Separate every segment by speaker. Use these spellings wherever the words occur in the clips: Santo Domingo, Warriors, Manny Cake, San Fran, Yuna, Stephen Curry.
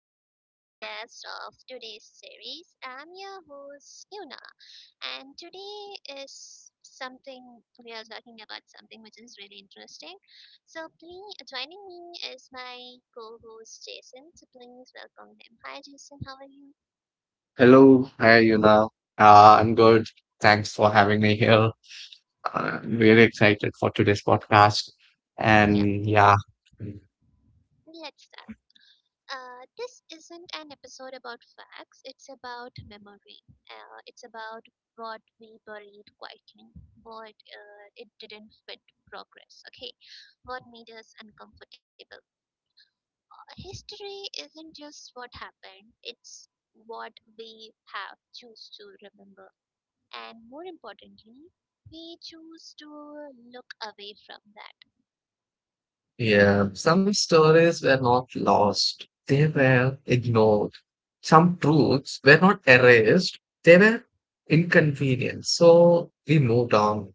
Speaker 1: another podcast of today's series. I'm your host Yuna, and today is something we are talking about something which is really interesting. So, please joining me is my co-host Jason. So, please welcome him. Hi Jason, how are you?
Speaker 2: Hello, hi Yuna. I'm good. Thanks for having me here. I'm really excited for today's podcast.
Speaker 1: Yeah,
Speaker 2: And yeah,
Speaker 1: let's start. This isn't an episode about facts, it's about memory. It's about what we buried quietly, what it didn't fit progress, okay? What made us uncomfortable. History isn't just what happened, it's what we have choose to remember. And more importantly, we choose to look away from that.
Speaker 2: yeah, some stories were not lost, they were ignored. Some truths were not erased, they were inconvenient. So we moved on.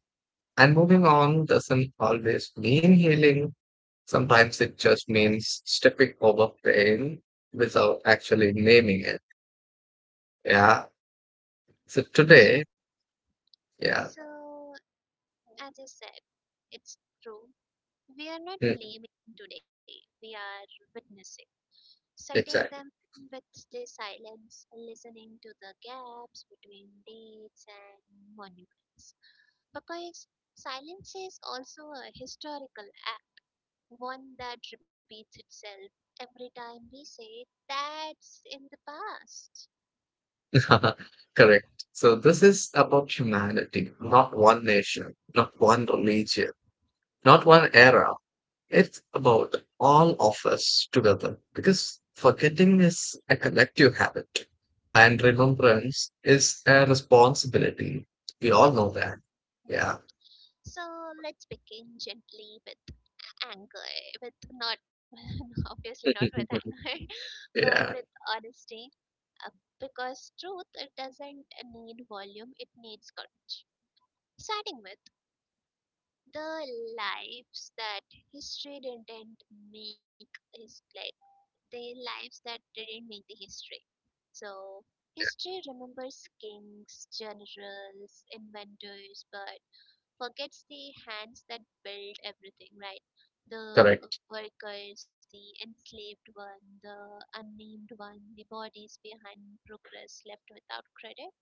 Speaker 2: And moving on doesn't always mean healing. Sometimes it just means stepping over pain without actually naming it. Yeah, So today,
Speaker 1: True.
Speaker 2: yeah,
Speaker 1: So, as I said, it's true. We are not
Speaker 2: mm,
Speaker 1: blaming today, we are witnessing, setting them
Speaker 2: exactly.
Speaker 1: with the silence, listening to the gaps between dates and monuments. Because silence is also a historical act, one that repeats itself every time we say that's in the past.
Speaker 2: Correct. So this is about humanity, not one nation, not one religion, not one era. It's about all of us together because forgetting is a collective habit and remembrance is a responsibility. We all
Speaker 1: Yes.
Speaker 2: know that. Yeah.
Speaker 1: Mhm. So let's begin gently with anger, with not, obviously not with anger, but with
Speaker 2: Yeah.
Speaker 1: honesty because truth doesn't need volume, it needs courage. Starting with the lives that history didn't make his play, the lives that didn't make the history. So, history remembers kings, generals, inventors, but forgets the hands that built everything, right? The
Speaker 2: Correct.
Speaker 1: workers, the enslaved one, the unnamed one, the bodies behind progress left without credit.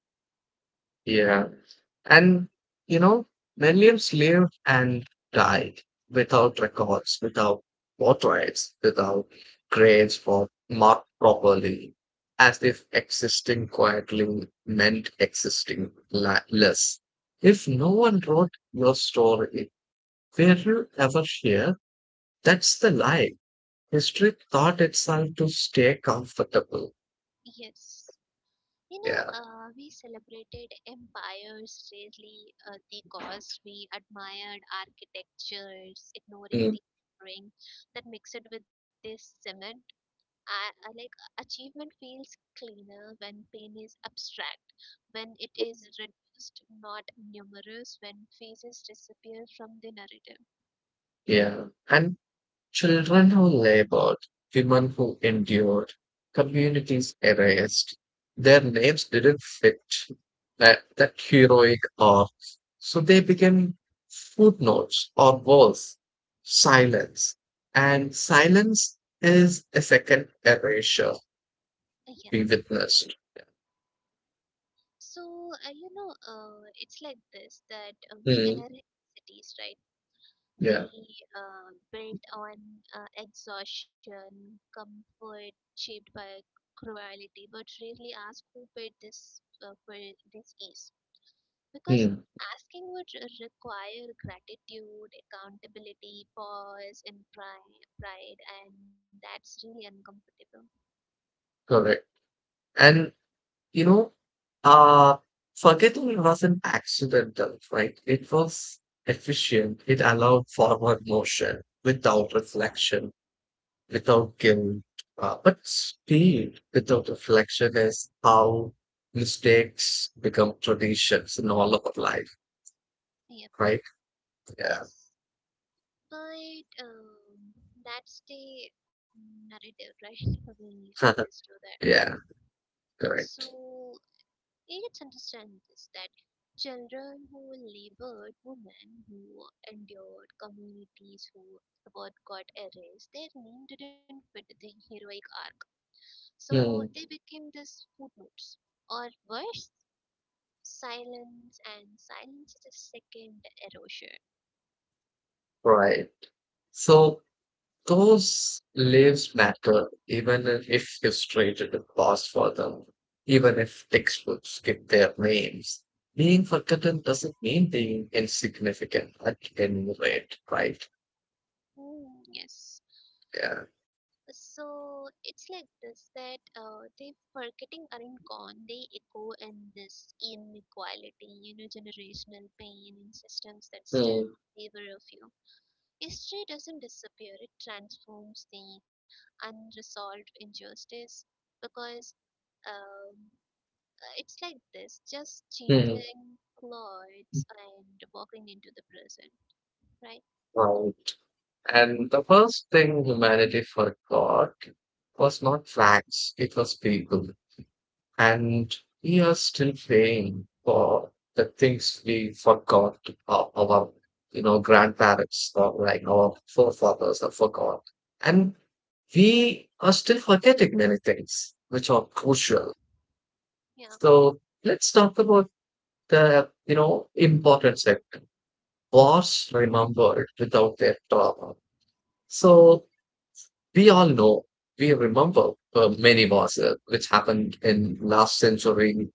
Speaker 2: Yeah. And you know, millions lived and died without records, without portraits, without graves for marked properly, as if existing quietly meant existing less. If no
Speaker 1: Yes,
Speaker 2: one wrote your story, were you ever here? That's the lie. History taught itself to stay comfortable.
Speaker 1: yes. You know,
Speaker 2: Yeah.
Speaker 1: we celebrated empires really, the cost. We admired architectures, ignoring
Speaker 2: Mm.
Speaker 1: the ring that mixed with this cement. I like achievement feels cleaner when pain is abstract, when it is reduced, not numerous, when faces disappear from the narrative.
Speaker 2: Yeah. And children who labored, women who endured, communities erased. Their names didn't fit that heroic arc, so they became footnotes or worse, silence. And silence is a second erasure we
Speaker 1: Yeah.
Speaker 2: witnessed.
Speaker 1: So, you know, it's like this that we
Speaker 2: Hmm,
Speaker 1: inherit cities, right?
Speaker 2: yeah,
Speaker 1: We built on exhaustion, comfort shaped by cruelty, but rarely ask who paid this for this is. Because
Speaker 2: hmm,
Speaker 1: asking would require gratitude, accountability, pause, and pride, and that's really uncomfortable.
Speaker 2: correct. And you know, uh, forgetting wasn't accidental, right? It was efficient. It allowed forward motion without
Speaker 1: Yes,
Speaker 2: reflection, without guilt. But speed without reflection is how mistakes become traditions in all of our life,
Speaker 1: yep,
Speaker 2: right? Yeah.
Speaker 1: yes. But that's the narrative, right? we always do that.
Speaker 2: Yeah, correct.
Speaker 1: So let's understand this that children who labored, women who endured, communities who what got erased, their name didn't fit the heroic arc. So
Speaker 2: Hmm,
Speaker 1: they became this footnotes. Or worse, silence, and silence is a second erosion.
Speaker 2: right. So, those lives matter even if you traded the past for them, even if textbooks skip their names. Being forgotten doesn't mean being insignificant at any rate, right?
Speaker 1: Hmm, yes.
Speaker 2: Yeah.
Speaker 1: So it's like this that they forgetting aren't gone. They echo in this inequality, you know, generational pain in systems that still
Speaker 2: Hmm.
Speaker 1: favor of you. History doesn't disappear; it transforms the unresolved injustice because um, it's like this, just
Speaker 2: Hmm.
Speaker 1: changing clothes and walking into the present, right?
Speaker 2: Right. And the first thing humanity forgot was not facts, it was people. And we are still paying for the things we forgot our you know, grandparents or like our forefathers have forgot. And we are still forgetting many things which are crucial.
Speaker 1: Yeah,
Speaker 2: So let's talk about you know, important sector. Wars remembered without their trauma. So we all know, we remember many wars which happened in last century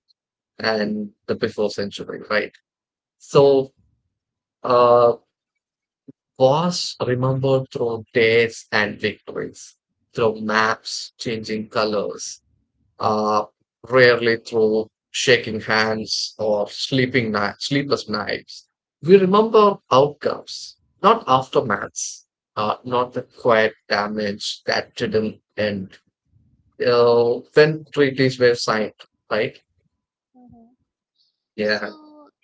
Speaker 2: and the before century, right?
Speaker 1: yeah,
Speaker 2: So, uh, was remembered through days and victories, through maps changing colors, uh, rarely through shaking hands or sleepless nights. We remember outcomes, not aftermaths, not the quiet damage that didn't end. Uh,
Speaker 1: yes.
Speaker 2: when treaties were signed, right?
Speaker 1: Hmm. So
Speaker 2: Yeah.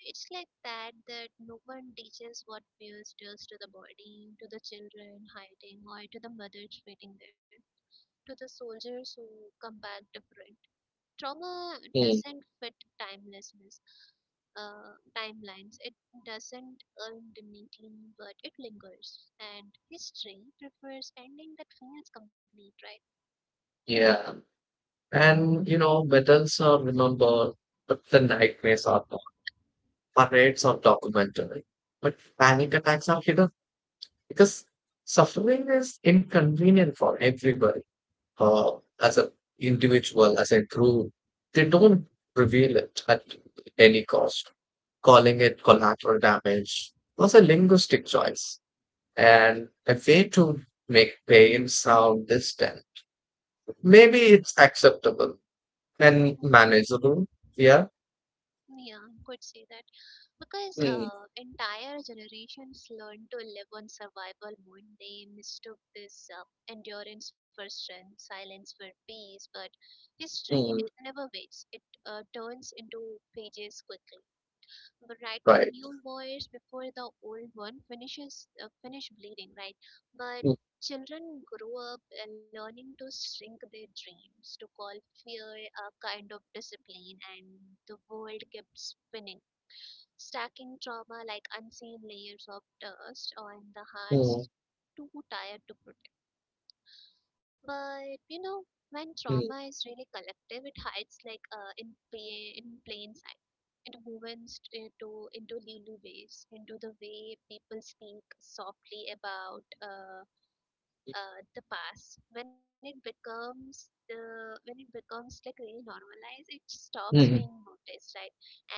Speaker 1: it's like that that no one teaches what fears does to the body, to the children hiding, or to the mothers waiting there, to the soldiers who come back different. Trauma
Speaker 2: Mm,
Speaker 1: doesn't fit timelessness, timelines. It doesn't end neatly, but it lingers. And history prefers ending that feels complete, right?
Speaker 2: yeah. And you know, medals are remembered, but the nightmares are not. Parades are documented, but panic attacks are hidden because suffering is inconvenient for everybody. Uh, as an individual, as a group, they don't reveal it at any cost. Calling it collateral damage was a linguistic choice and a way to make pain sound distant. Maybe it's acceptable and
Speaker 1: Mm-hmm.
Speaker 2: manageable. Yeah.
Speaker 1: Yeah, could say that. Because
Speaker 2: Mm,
Speaker 1: entire generations learned to live on survival mode, they mistook this endurance for strength, silence for peace. But history it
Speaker 2: mm.
Speaker 1: never waits, it turns into pages quickly, but writing
Speaker 2: Right.
Speaker 1: new wars before the old one finishes, finish bleeding, right? But
Speaker 2: Mm,
Speaker 1: children grow up learning to shrink their dreams, to call fear a kind of discipline, and the world kept spinning, stacking trauma like unseen layers of dust on the
Speaker 2: mm,
Speaker 1: hearts too tired to protect. But you know, when trauma
Speaker 2: mm,
Speaker 1: is really collective, it hides like in plain sight. It woven into Lulu ways, into the way people speak softly about the past. When it becomes like really normalized, it stops
Speaker 2: mhm.
Speaker 1: being noticed, right?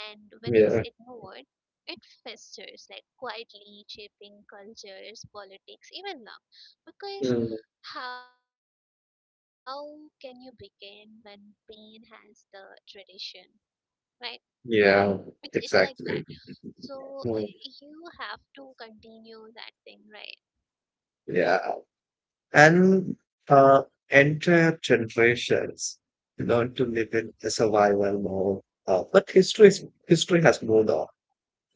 Speaker 1: And when it's
Speaker 2: Yeah.
Speaker 1: ignored, it festers, like quietly shaping cultures, politics, even love. Because
Speaker 2: Mm.
Speaker 1: how can you begin when pain has the tradition, right? It's like
Speaker 2: Yeah,
Speaker 1: that.
Speaker 2: exactly.
Speaker 1: So you
Speaker 2: Mm.
Speaker 1: have to continue that thing, right?
Speaker 2: Yeah. And uh, Entire generations learn to live in a survival mode. History has moved on.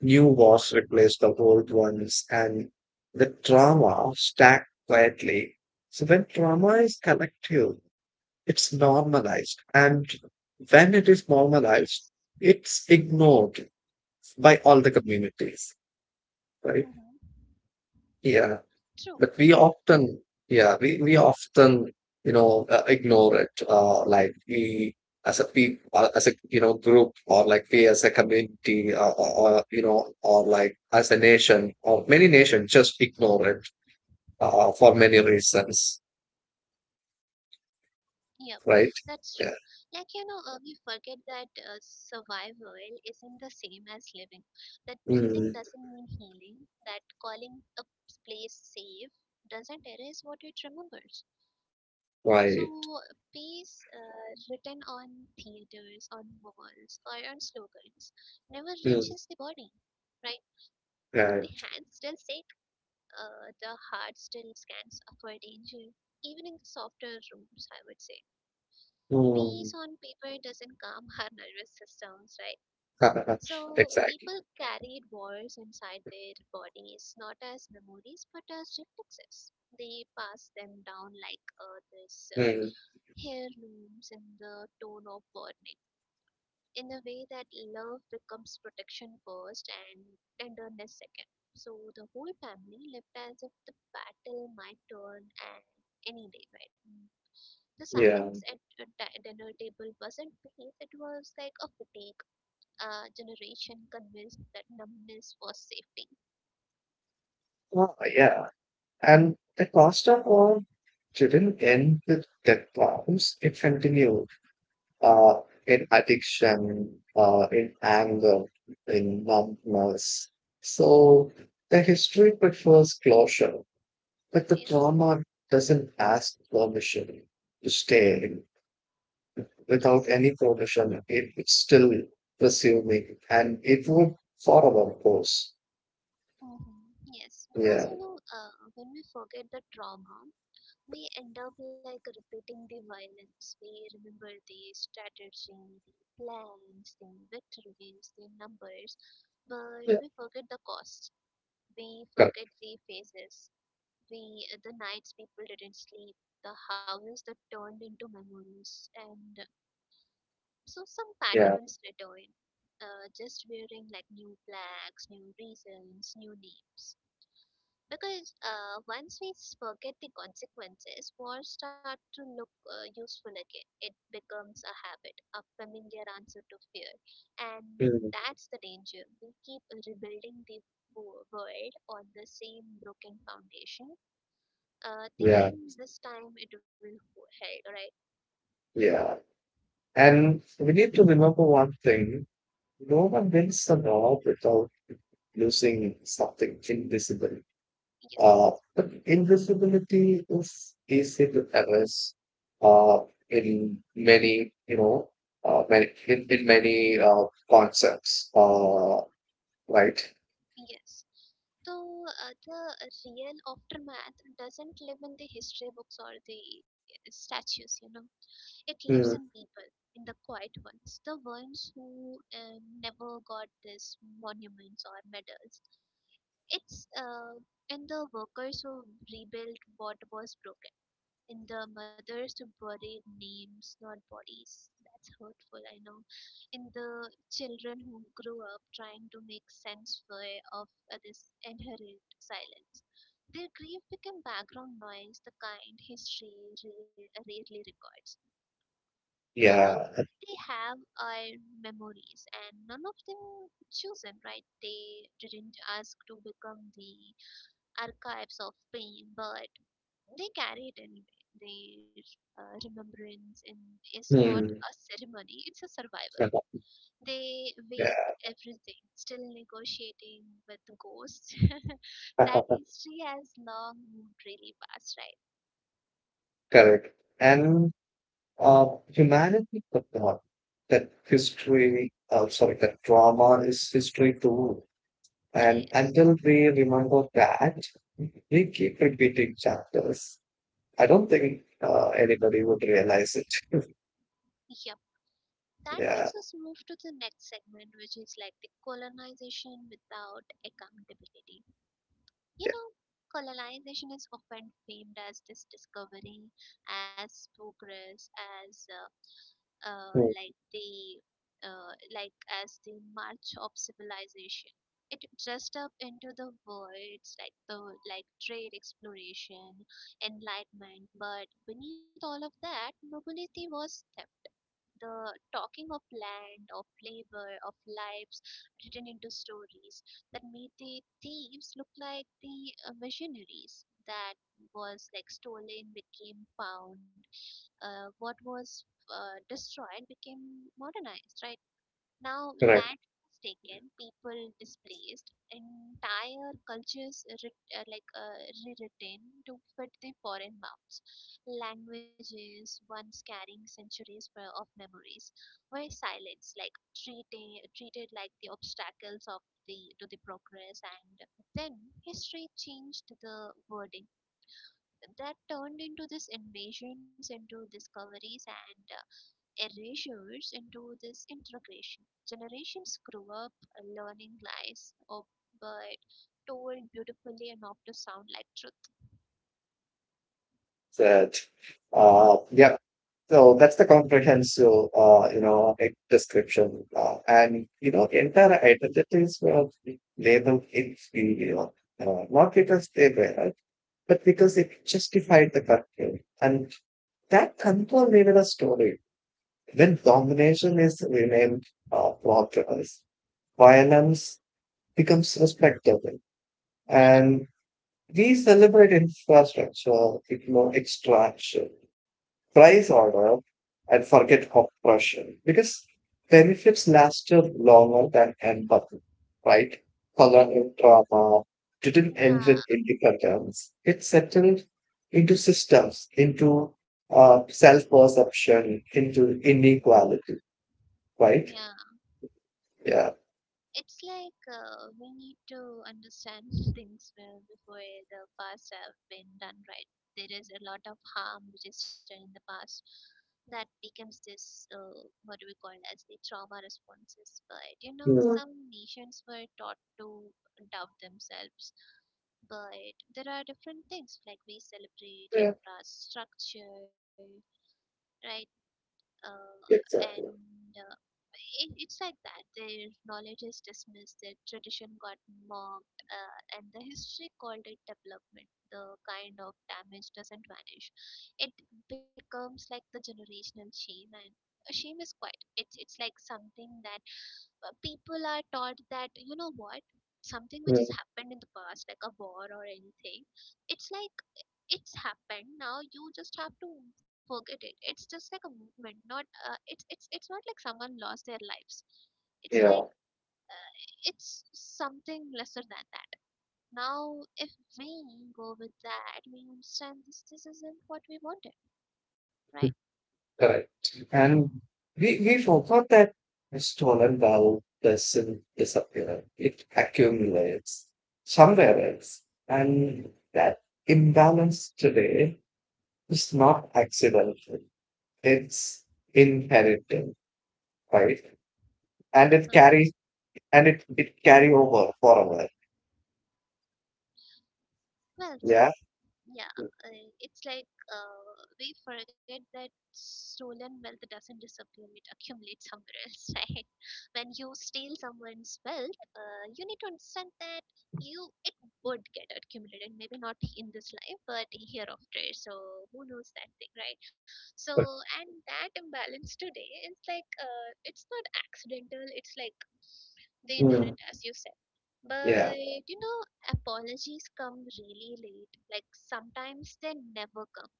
Speaker 2: New wars replaced the old ones, and the trauma stacked quietly. So when trauma is collective, it's normalized. And when it is
Speaker 1: Yes.
Speaker 2: normalized, it's ignored by all the communities,
Speaker 1: Mm-hmm.
Speaker 2: right? Yeah. But we often, yeah, we often, you know, ignore it. Like we, as a people, as a, you know, group or like we as a community or, you know, or like as a nation or many nations just ignore it for many reasons,
Speaker 1: Yep, that's true. Like,
Speaker 2: right?
Speaker 1: you know,
Speaker 2: Yeah.
Speaker 1: we forget that survival isn't the same as living. That breathing doesn't mean
Speaker 2: Mm,
Speaker 1: healing. That calling a place safe doesn't erase what it remembers. So, peace
Speaker 2: right.
Speaker 1: written on theaters, on walls, or on slogans never reaches the body,
Speaker 2: Mm,
Speaker 1: right? The hands still
Speaker 2: right.
Speaker 1: shake, the heart still scans for danger, even in softer rooms. I would say peace on
Speaker 2: Mm.
Speaker 1: paper doesn't calm our nervous systems, right? So
Speaker 2: Exactly.
Speaker 1: people carried wars inside their bodies, not as memories but as reflexes. They pass them down like this
Speaker 2: Mm,
Speaker 1: heirlooms, in the tone of warning, in a way that love becomes protection first and tenderness second. So the whole family lived as if the battle might turn at any day, right? The
Speaker 2: yeah.
Speaker 1: silence at a dinner table wasn't peace, it was like a fatigue. Generation convinced that numbness was safety.
Speaker 2: Oh, yeah. And the cost of all didn't end with death bombs. It continued uh, in addiction, in anger, in numbness. So the history prefers closure, but the
Speaker 1: Yeah,
Speaker 2: trauma doesn't ask permission to stay. Without
Speaker 1: yes.
Speaker 2: any permission, it, it's still presuming and it would forever of course.
Speaker 1: Hmm, yes, because
Speaker 2: Yeah.
Speaker 1: you know, when we forget the trauma, we end up like repeating the violence. We remember the strategy, the plans, the victories, the numbers, but we forget the cost. We
Speaker 2: Correct.
Speaker 1: forget the phases. We the nights people didn't sleep, the houses that turned into memories, and so some
Speaker 2: Yeah.
Speaker 1: patterns return. Just wearing like new flags, new reasons, new names. Because once we forget the consequences, war start to look useful again. It becomes a habit, a familiar answer to fear, and
Speaker 2: Mm.
Speaker 1: that's the danger. We keep rebuilding the world on the same broken foundation
Speaker 2: Yeah.
Speaker 1: thinking this time it will help, right?
Speaker 2: Yeah. And we need to remember one thing. No one wins the war without losing something invisible. Uh,
Speaker 1: Yes,
Speaker 2: but invisibility is easy to erase uh, in many, you know, many, in many concepts, right?
Speaker 1: yes. So the real aftermath doesn't live in the history books or the statues, you know. It lives in
Speaker 2: Mm.
Speaker 1: people, in the quiet ones, the ones who never got these monuments or medals. It's in the workers who rebuilt what was broken, in the mothers to bury names, not bodies. That's hurtful, I know. In the children who grew up trying to make sense for, of this inherent silence. Their grief became background noise, the kind history rarely records. All
Speaker 2: Yeah.
Speaker 1: they have are memories, and none of them chosen, right? They didn't ask to become the archives of pain, but they carry it anyway. Their remembrance in, is not a
Speaker 2: Mm.
Speaker 1: ceremony, it's a survival. They wake
Speaker 2: Yeah.
Speaker 1: everything, still negotiating with the ghosts. that history has long moved really fast, right?
Speaker 2: Correct. And humanity could not that history, sorry, that drama is history too.
Speaker 1: Uh,
Speaker 2: And
Speaker 1: yes.
Speaker 2: until we remember that, we keep repeating chapters. I don't think anybody would realize it.
Speaker 1: Yep. That makes
Speaker 2: Yeah,
Speaker 1: us move to the next segment, which is like the colonization without accountability. You
Speaker 2: yeah,
Speaker 1: know, colonization is often framed as this discovery, as progress, as
Speaker 2: hmm,
Speaker 1: like the like as the march of civilization. It dressed up into the words like the like trade exploration, enlightenment, but beneath all of that, nobility was theft. The talking of land, of labor, of lives written into stories that made the thieves look like the visionaries, that was like stolen became found, what was destroyed became modernized, right? Now,
Speaker 2: correct.
Speaker 1: land was taken, people displaced, entire cultures rewritten to fit the foreign mouths. Languages once carrying centuries of memories were silenced, like treated like the obstacles of the to the progress, and then history changed the wording that turned into these invasions, into discoveries and erasures, into this integration. Generations grew up learning lies, oh, but told beautifully enough to sound like truth.
Speaker 2: That, yeah. So that's the comprehensive, you know, description, and you know, entire identities were labeled inferior. Not because they were, but because it justified the control. And that control needed a story. When domination is renamed progress, violence becomes respectable.
Speaker 1: Yeah,
Speaker 2: And we celebrate infrastructure, ignore extraction price order and forget oppression because benefits lasted longer than empathy, right? Colonial trauma didn't
Speaker 1: yeah,
Speaker 2: end with independence. It settled into systems, into self-perception, into inequality, right?
Speaker 1: yeah.
Speaker 2: Yeah.
Speaker 1: It's like we need to understand things well before the past have been done right. There is a lot of harm which is done in the past that becomes this what do we call as the trauma responses. But you know,
Speaker 2: Mm.
Speaker 1: some nations were taught to doubt themselves. But there are different things like we celebrate
Speaker 2: Yeah,
Speaker 1: infrastructure, right? uh,
Speaker 2: exactly.
Speaker 1: and it, it's like that their knowledge is dismissed, their tradition got mocked, and the history called it development. The kind of damage doesn't vanish, it becomes like the generational shame. And shame is quite, it's like something that people are taught that you know what, something which
Speaker 2: Mm.
Speaker 1: has happened in the past like a war or anything, it's like it's happened now, you just have to forget it, it's just like a movement, not it's not like someone lost their lives, it's like
Speaker 2: Yeah.
Speaker 1: uh, it's something lesser than that. Now if we go with that, we understand this, this isn't what we wanted, right?
Speaker 2: Correct. And we forgot that stolen valve doesn't disappear, it accumulates somewhere else. And that imbalance today is not accidental, it's inherited, right? And it
Speaker 1: Uh-huh.
Speaker 2: carries it carry over forever.
Speaker 1: Well said.
Speaker 2: Yeah.
Speaker 1: Yeah, it's like we forget that stolen wealth doesn't disappear, it accumulates somewhere else, right? When you steal someone's wealth, you need to understand that you it would get accumulated, maybe not in this life, but hereafter. So who knows that thing, right? So
Speaker 2: But-
Speaker 1: and that imbalance today is like it's not accidental, it's like the
Speaker 2: Mm.
Speaker 1: inherent, as you said. But
Speaker 2: Yeah.
Speaker 1: you know, apologies come really late. Like sometimes they never come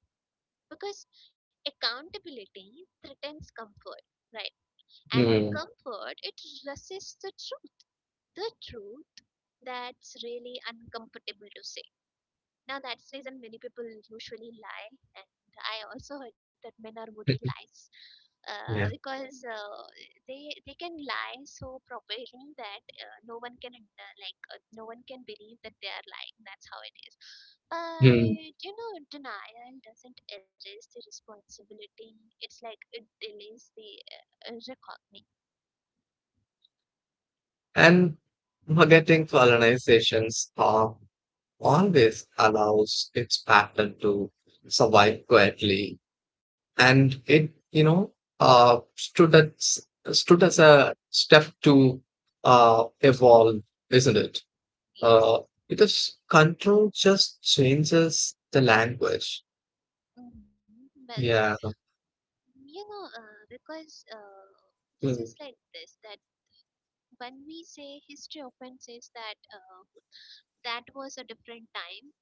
Speaker 1: because accountability threatens comfort, right? And
Speaker 2: Mm.
Speaker 1: comfort, it resists the truth that's really uncomfortable to say. Now that's the reason many people usually lie, and I also heard that men are good at lies, uh,
Speaker 2: Yeah.
Speaker 1: because uh, they can lie so properly that no one can no one can believe that they are lying. That's how it is.
Speaker 2: Mm.
Speaker 1: But you know, denial doesn't erase the responsibility. It's like it delays the reckoning.
Speaker 2: And forgetting colonization, harm, always allows its pattern to survive quietly and it you know uh stood as stood as a step to evolve, isn't it?
Speaker 1: Yes.
Speaker 2: uh because control just changes the language.
Speaker 1: Mhm. Well said.
Speaker 2: Yeah.
Speaker 1: You know, because this is
Speaker 2: Mm.
Speaker 1: like this that when we say history often says that that was a different time,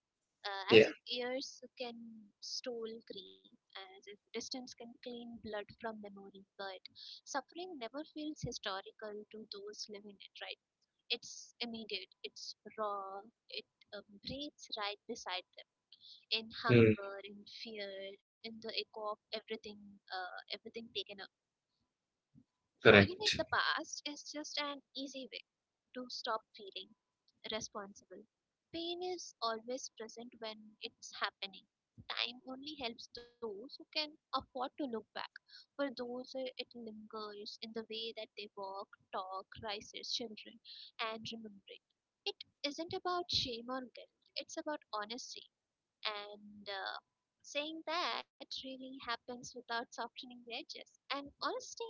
Speaker 1: as
Speaker 2: Yeah.
Speaker 1: if years can stole grief, as if distance can clean blood from memory, but suffering never feels historical to those living it, right? It's immediate, it's raw, it breathes right beside them, in
Speaker 2: Mm.
Speaker 1: hunger, in fear, in the echo of everything, everything taken up. Calling it
Speaker 2: Correct.
Speaker 1: the past is just an easy way to stop feeling responsible. Pain is always present when it's happening. Time only helps those who can afford to look back. For those, it lingers in the way that they walk, talk, raise their children, and remember it. It isn't about shame or guilt, it's about honesty and, saying that really happens without softening the edges, and honestly,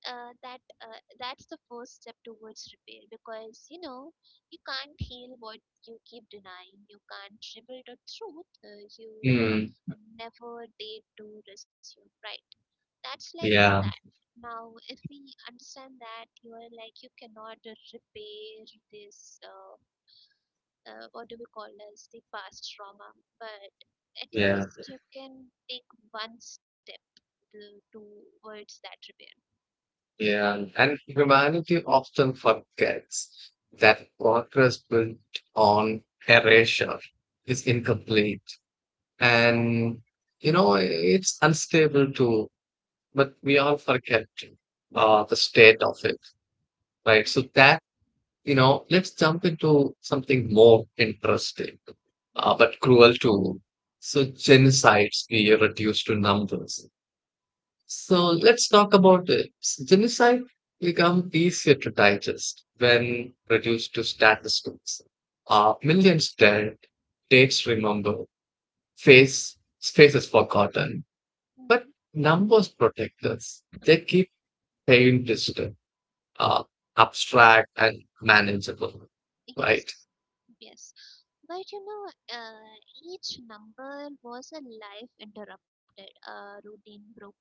Speaker 1: that's the first step towards repair, because you know you can't heal what you keep denying, you can't reveal the truth, you
Speaker 2: Mm.
Speaker 1: never did to resume, right? That's like that.
Speaker 2: Yeah.
Speaker 1: Now if we understand that you are like you cannot repair this what do we call as the past trauma, but at
Speaker 2: Yeah,
Speaker 1: least you can take one step to, towards that repair.
Speaker 2: Yeah, and humanity often forgets that progress built on erasure is incomplete. And, you know, it's unstable too, but we all forget the state of it, right? So
Speaker 1: Yes.
Speaker 2: that, you know, let's jump into something more interesting, uh,
Speaker 1: Mm-hmm.
Speaker 2: but cruel too. So genocides we reduce to numbers.
Speaker 1: Ah,
Speaker 2: So
Speaker 1: yes.
Speaker 2: let's talk about it. Genocide become easier to digest when reduced to statistics. Millions dead, dates remembered, faces forgotten.
Speaker 1: Mm-hmm.
Speaker 2: But numbers protect us. They keep pain distant, uh, abstract and manageable.
Speaker 1: Yes,
Speaker 2: Right?
Speaker 1: yes, but you know, each number was a life interrupted, a routine broken,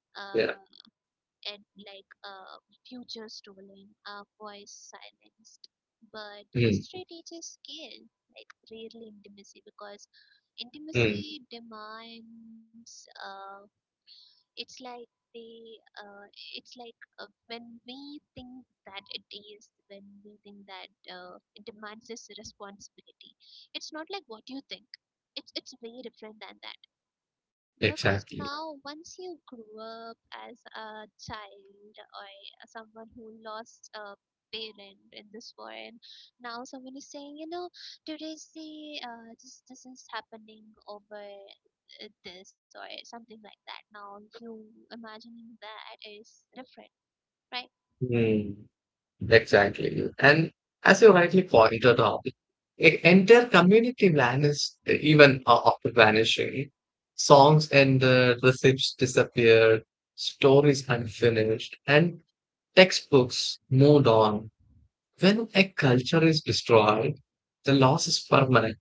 Speaker 1: uh,
Speaker 2: Yeah.
Speaker 1: and like a future stolen, a voice silenced, but
Speaker 2: Mm,
Speaker 1: history teaches scale, like rarely intimacy, because
Speaker 2: mm,
Speaker 1: intimacy demands, it's like they it's like when we think that it is, when we think that it demands this responsibility, it's not like what you think, it's way different than that. Because now,
Speaker 2: exactly.
Speaker 1: once you grew up as a child, or someone who lost a parent in this war, and now someone is saying, you know, today's, see, this is happening over, this or something like that. Now you imagining that is different, right?
Speaker 2: Mm. Exactly. And as you rightly pointed out, entire community vanished even after vanishing. Songs ended, recipes disappeared, stories unfinished, and textbooks moved on. When a culture is destroyed, the loss is permanent,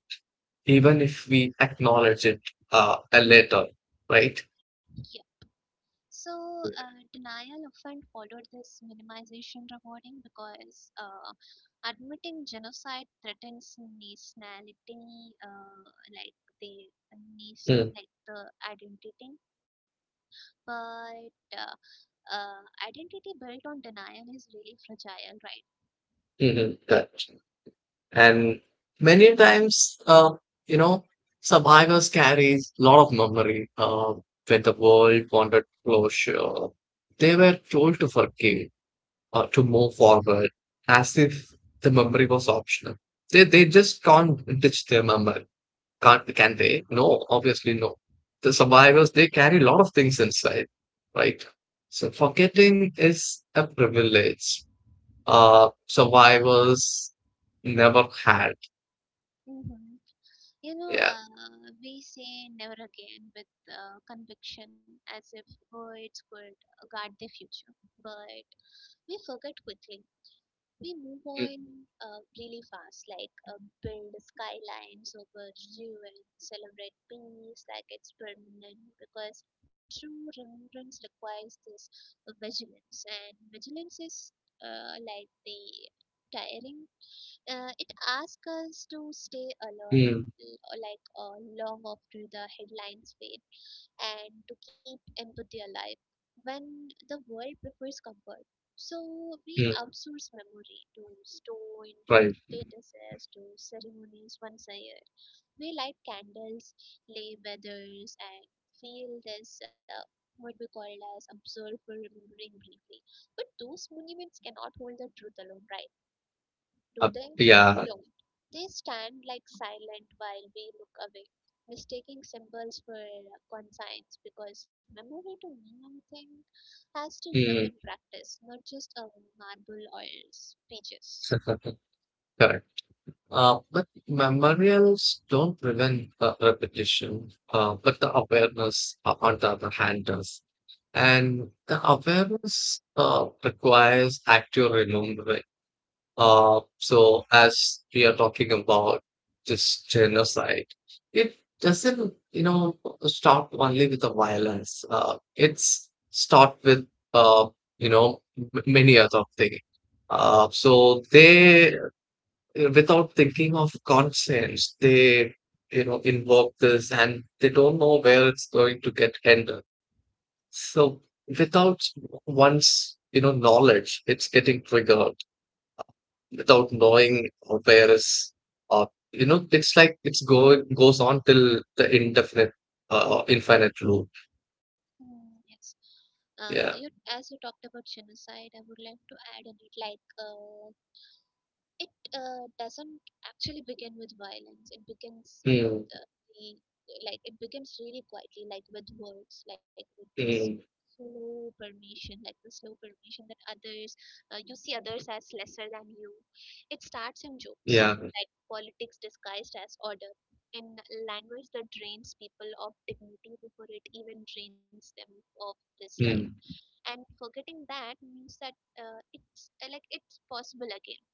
Speaker 2: even if we acknowledge it later, right?
Speaker 1: Yeah. So, denial often followed this minimization rewarding, because admitting genocide threatens nationality, like the nation, like the identity. But uh, identity built on denial is really fragile, right?
Speaker 2: Mm-hmm. And many times, you know, survivors carry a lot of memory. When the world wanted closure, they were told to forgive or to move forward as if the memory was optional. They just can't ditch their memory. Can't, can they? No, obviously no. The survivors, they carry a lot of things inside, right? So
Speaker 1: Yep.
Speaker 2: forgetting is a privilege. Survivors never had.
Speaker 1: Hmm. You know,
Speaker 2: Yeah.
Speaker 1: we say never again with conviction, as if words could guard the future. But we forget quickly, we move
Speaker 2: Mm,
Speaker 1: on, really fast, like build skylines over ruins, celebrate peace like it's permanent, because true remembrance requires this vigilance, and vigilance is like the tiring. It asks us to stay alert,
Speaker 2: mm,
Speaker 1: like long after the headlines fade, and to keep empathy alive when the world prefers comfort. So we
Speaker 2: mm,
Speaker 1: outsource memory to stone, to
Speaker 2: right.
Speaker 1: statuses, to ceremonies once a year. We light candles, lay feathers, and feel this what we call as observe for remembering briefly. But those monuments cannot hold the truth alone, right? Do
Speaker 2: Uh,
Speaker 1: they? They
Speaker 2: yeah.
Speaker 1: don't. They stand like silent while we look away, mistaking symbols for conscience, because memory to mean anything has to live in
Speaker 2: Mm,
Speaker 1: practice, not just a marble or speeches.
Speaker 2: correct. But memorials don't prevent repetition, but the awareness, on the other hand, does. And the awareness requires active remembering. So as we are talking about this genocide, it doesn't, you know, start only with the violence. It's start with, uh, you know, many other things. So without thinking of conscience, they, you know, invoke this and they don't know where it's going to get ended. So without one's, you know, knowledge, it's getting triggered without knowing where is uh, you know it's like it's go goes on till the indefinite infinite loop.
Speaker 1: Hmm, yes. You,
Speaker 2: Yeah,
Speaker 1: as you talked about genocide, I would like to add on it, like it doesn't actually begin with violence. It begins with,
Speaker 2: mm,
Speaker 1: uh, the like it begins really quietly, like with words, like with this
Speaker 2: mm,
Speaker 1: slow permission, like the slow permission that others, you see others as lesser than you. It starts in
Speaker 2: yeah,
Speaker 1: jokes, in like politics disguised as order, in language that drains people of dignity before it even drains them of this life.
Speaker 2: mm,
Speaker 1: And forgetting that means that it's like it's possible again.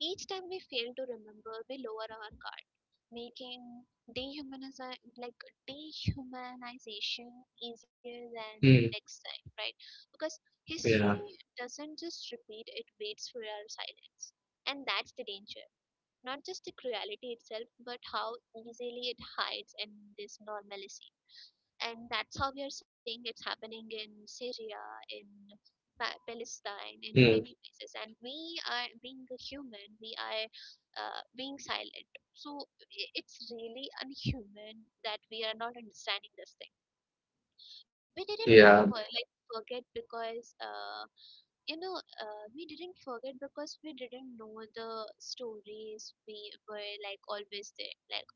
Speaker 1: Each time we fail to remember, we lower our guard, making dehumanization, dehumanization easier than
Speaker 2: mm,
Speaker 1: next time, right? Because
Speaker 2: yeah,
Speaker 1: history doesn't just repeat; it waits for our silence, and that's the danger. Not just the cruelty itself, but how easily it hides in this normalcy. And that's how we are seeing it's happening in Syria, in
Speaker 2: mm,
Speaker 1: Palestine, in many places. And we are being a human, we are being silent. So it's really unhuman that we are not understanding this thing. We didn't
Speaker 2: yeah,
Speaker 1: forget because, you know, we didn't forget because we didn't know the stories. We were like always there, like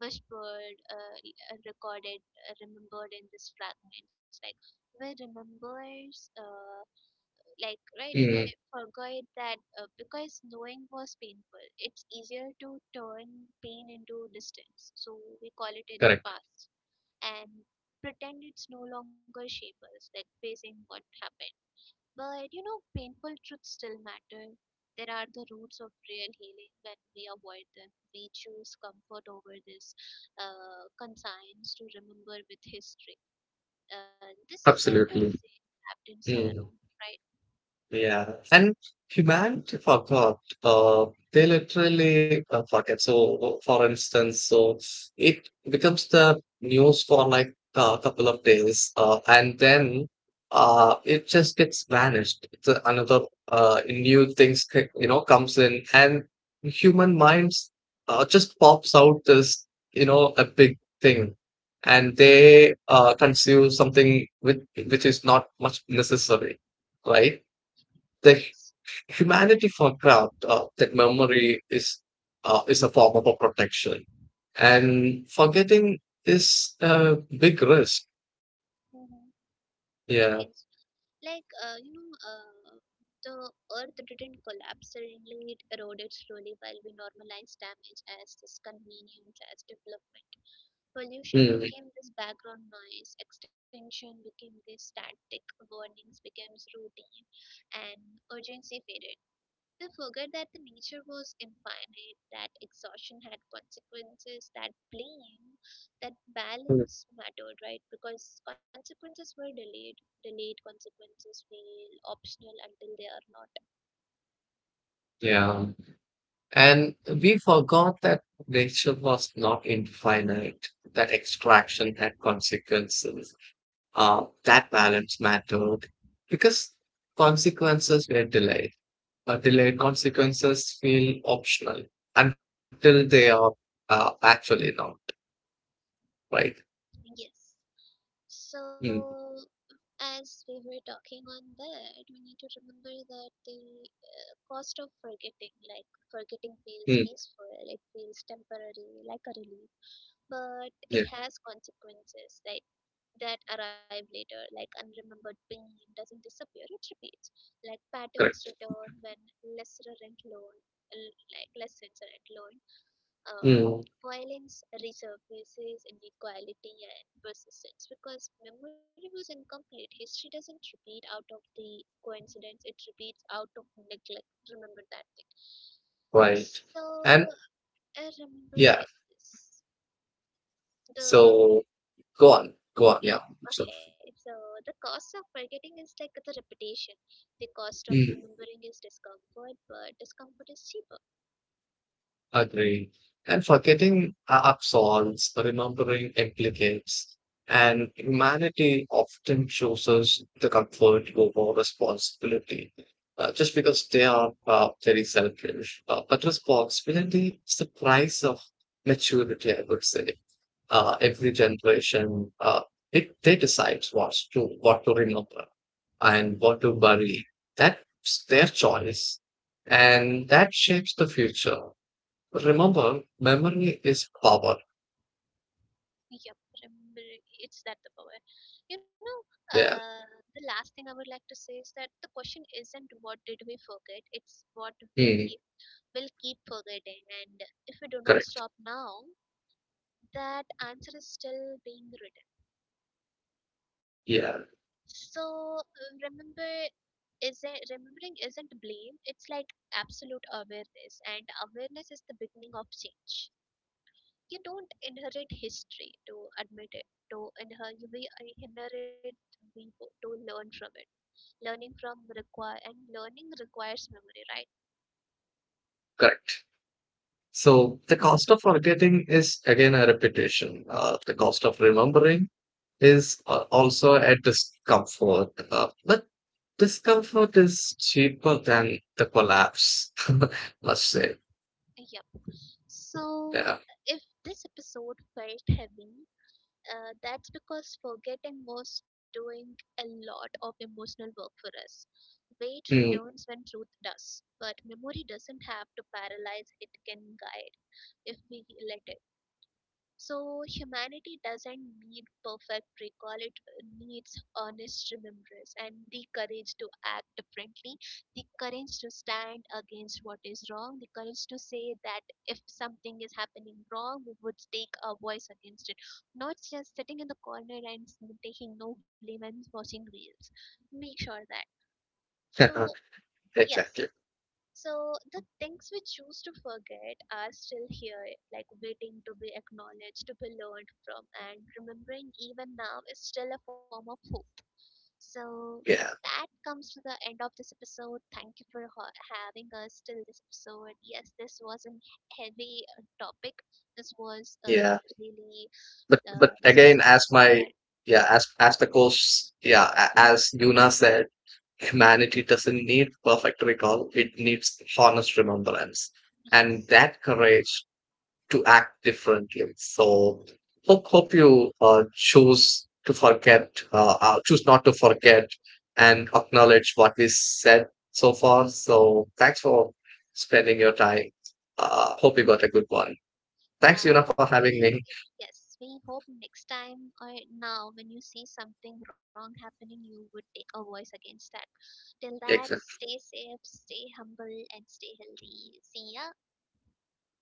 Speaker 1: whispered, recorded, remembered in these fragments. Like we remembers, like right, we
Speaker 2: mm,
Speaker 1: forgot that because knowing was painful. It's easier to turn pain into distance, so we call it
Speaker 2: correct,
Speaker 1: the past and pretend it's no longer shape us, like facing what happened. But you know, painful truths still matter. There are the roots of real healing when we avoid them. We choose comfort over this conscience to remember with history. This isn't to say
Speaker 2: absolutely,
Speaker 1: trapped in sorrow,
Speaker 2: mm.
Speaker 1: right?
Speaker 2: Yeah, and humanity forgot. They literally forget. So, for instance, so it becomes the news for like a couple of days, and then it just gets vanished. It's another new things you know comes in, and human minds just pops out this you know a big thing. And they consume something which is not much necessary, right? the
Speaker 1: Yes,
Speaker 2: hu- Humanity for craft that memory is a form of a protection
Speaker 1: yeah,
Speaker 2: and forgetting is a big risk.
Speaker 1: mhm, it
Speaker 2: Yeah.
Speaker 1: is. Like, you know, the earth didn't collapse suddenly, it eroded slowly while we normalize damage as this convenience, as development. Pollution
Speaker 2: Mm,
Speaker 1: became this background noise, extinction became this static, warnings became routine, and urgency faded. We forget that the nature was infinite, that exhaustion had consequences, that blame, that
Speaker 2: mm,
Speaker 1: balance mattered, right? Because consequences were delayed. Delayed consequences feel optional until they are not.
Speaker 2: yeah. And we forgot that nature was not infinite, that extraction had consequences, that balance mattered because consequences were delayed. Delayed consequences feel optional until they are actually not, right?
Speaker 1: Yes.
Speaker 2: Mm,
Speaker 1: So, as we were talking on that, we need to remember that the cost of forgetting, like forgetting feels
Speaker 2: mm,
Speaker 1: peaceful, it feels temporary, like a relief, but
Speaker 2: yeah,
Speaker 1: it has consequences, like that arrive later, like unremembered pain doesn't disappear, it repeats, like patterns
Speaker 2: correct.
Speaker 1: return when less rent loan, like less rent loan, uh,
Speaker 2: Mm,
Speaker 1: violence resurfaces, inequality and persistence because memory was incomplete. History doesn't repeat out of the coincidence, it repeats out of neglect. Remember that thing.
Speaker 2: right. And
Speaker 1: So I remember
Speaker 2: yeah,
Speaker 1: s- the
Speaker 2: so go on, go on, yeah.
Speaker 1: yeah
Speaker 2: So,
Speaker 1: okay. So the cost of forgetting is like the repetition. The cost of
Speaker 2: mm.
Speaker 1: remembering is discomfort, but discomfort is cheaper.
Speaker 2: Agree. And forgetting absolves, remembering implicates, and humanity often chooses the comfort over responsibility. Just because they are very selfish, but responsibility is the price of maturity. I would say every generation it they decide what to remember and what to bury. That's their choice, and that shapes the future. Remember, memory is power.
Speaker 1: Yep, remember- it's that the power. You know,
Speaker 2: Yeah.
Speaker 1: uh, the last thing I would like to say is that the question isn't what did we forget, it's what
Speaker 2: Hmm.
Speaker 1: we will keep forgetting. And if we do not
Speaker 2: Correct.
Speaker 1: stop now, that answer is still being written.
Speaker 2: Yeah.
Speaker 1: So remember, isn't remembering isn't blame. It's like absolute awareness, and awareness is the beginning of change. You don't inherit history to admit it, to inherit you, we inherit, to learn from it. Learning from require, and learning requires memory, right?
Speaker 2: Correct. So the cost of forgetting is again a repetition. The cost of remembering is also a discomfort. But discomfort is cheaper than the collapse, let's say.
Speaker 1: Yep. So
Speaker 2: Yeah.
Speaker 1: if this episode felt heavy, that's because forgetting was doing a lot of emotional work for us. Weight
Speaker 2: Hmm.
Speaker 1: returns when truth does, but memory doesn't have to paralyze, it can guide if we let it. So humanity doesn't need perfect recall, it needs honest remembrance and the courage to act differently, the courage to stand against what is wrong, the courage to say that if something is happening wrong, we would take a voice against it. Not just sitting in the corner and taking no blame and watching reels. Make sure that. So yes,
Speaker 2: Exactly.
Speaker 1: so the things we choose to forget are still here, like waiting to be acknowledged, to be learned from, and remembering even now is still a form of hope. So
Speaker 2: Yeah.
Speaker 1: that comes to the end of this episode. Thank you for having us till this episode. Yes, this was a heavy topic. This was
Speaker 2: Yeah.
Speaker 1: really
Speaker 2: But again,
Speaker 1: dismissive,
Speaker 2: as my
Speaker 1: but
Speaker 2: yeah, as the course, yeah, a- as Yuna said, humanity doesn't need perfect recall, it needs honest remembrance and
Speaker 1: yes,
Speaker 2: that courage to act differently. So, hope you choose not to forget, and acknowledge what we said so far. So, thanks for spending your time. Hope you got a good one.
Speaker 1: yeah.
Speaker 2: Thanks, Yuna, for having me.
Speaker 1: We, yes, we hope next time or now when you see something wrong happening, you would take a voice against that. Till that,
Speaker 2: Exactly.
Speaker 1: stay safe, stay humble, and stay healthy. See ya.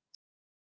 Speaker 2: See you.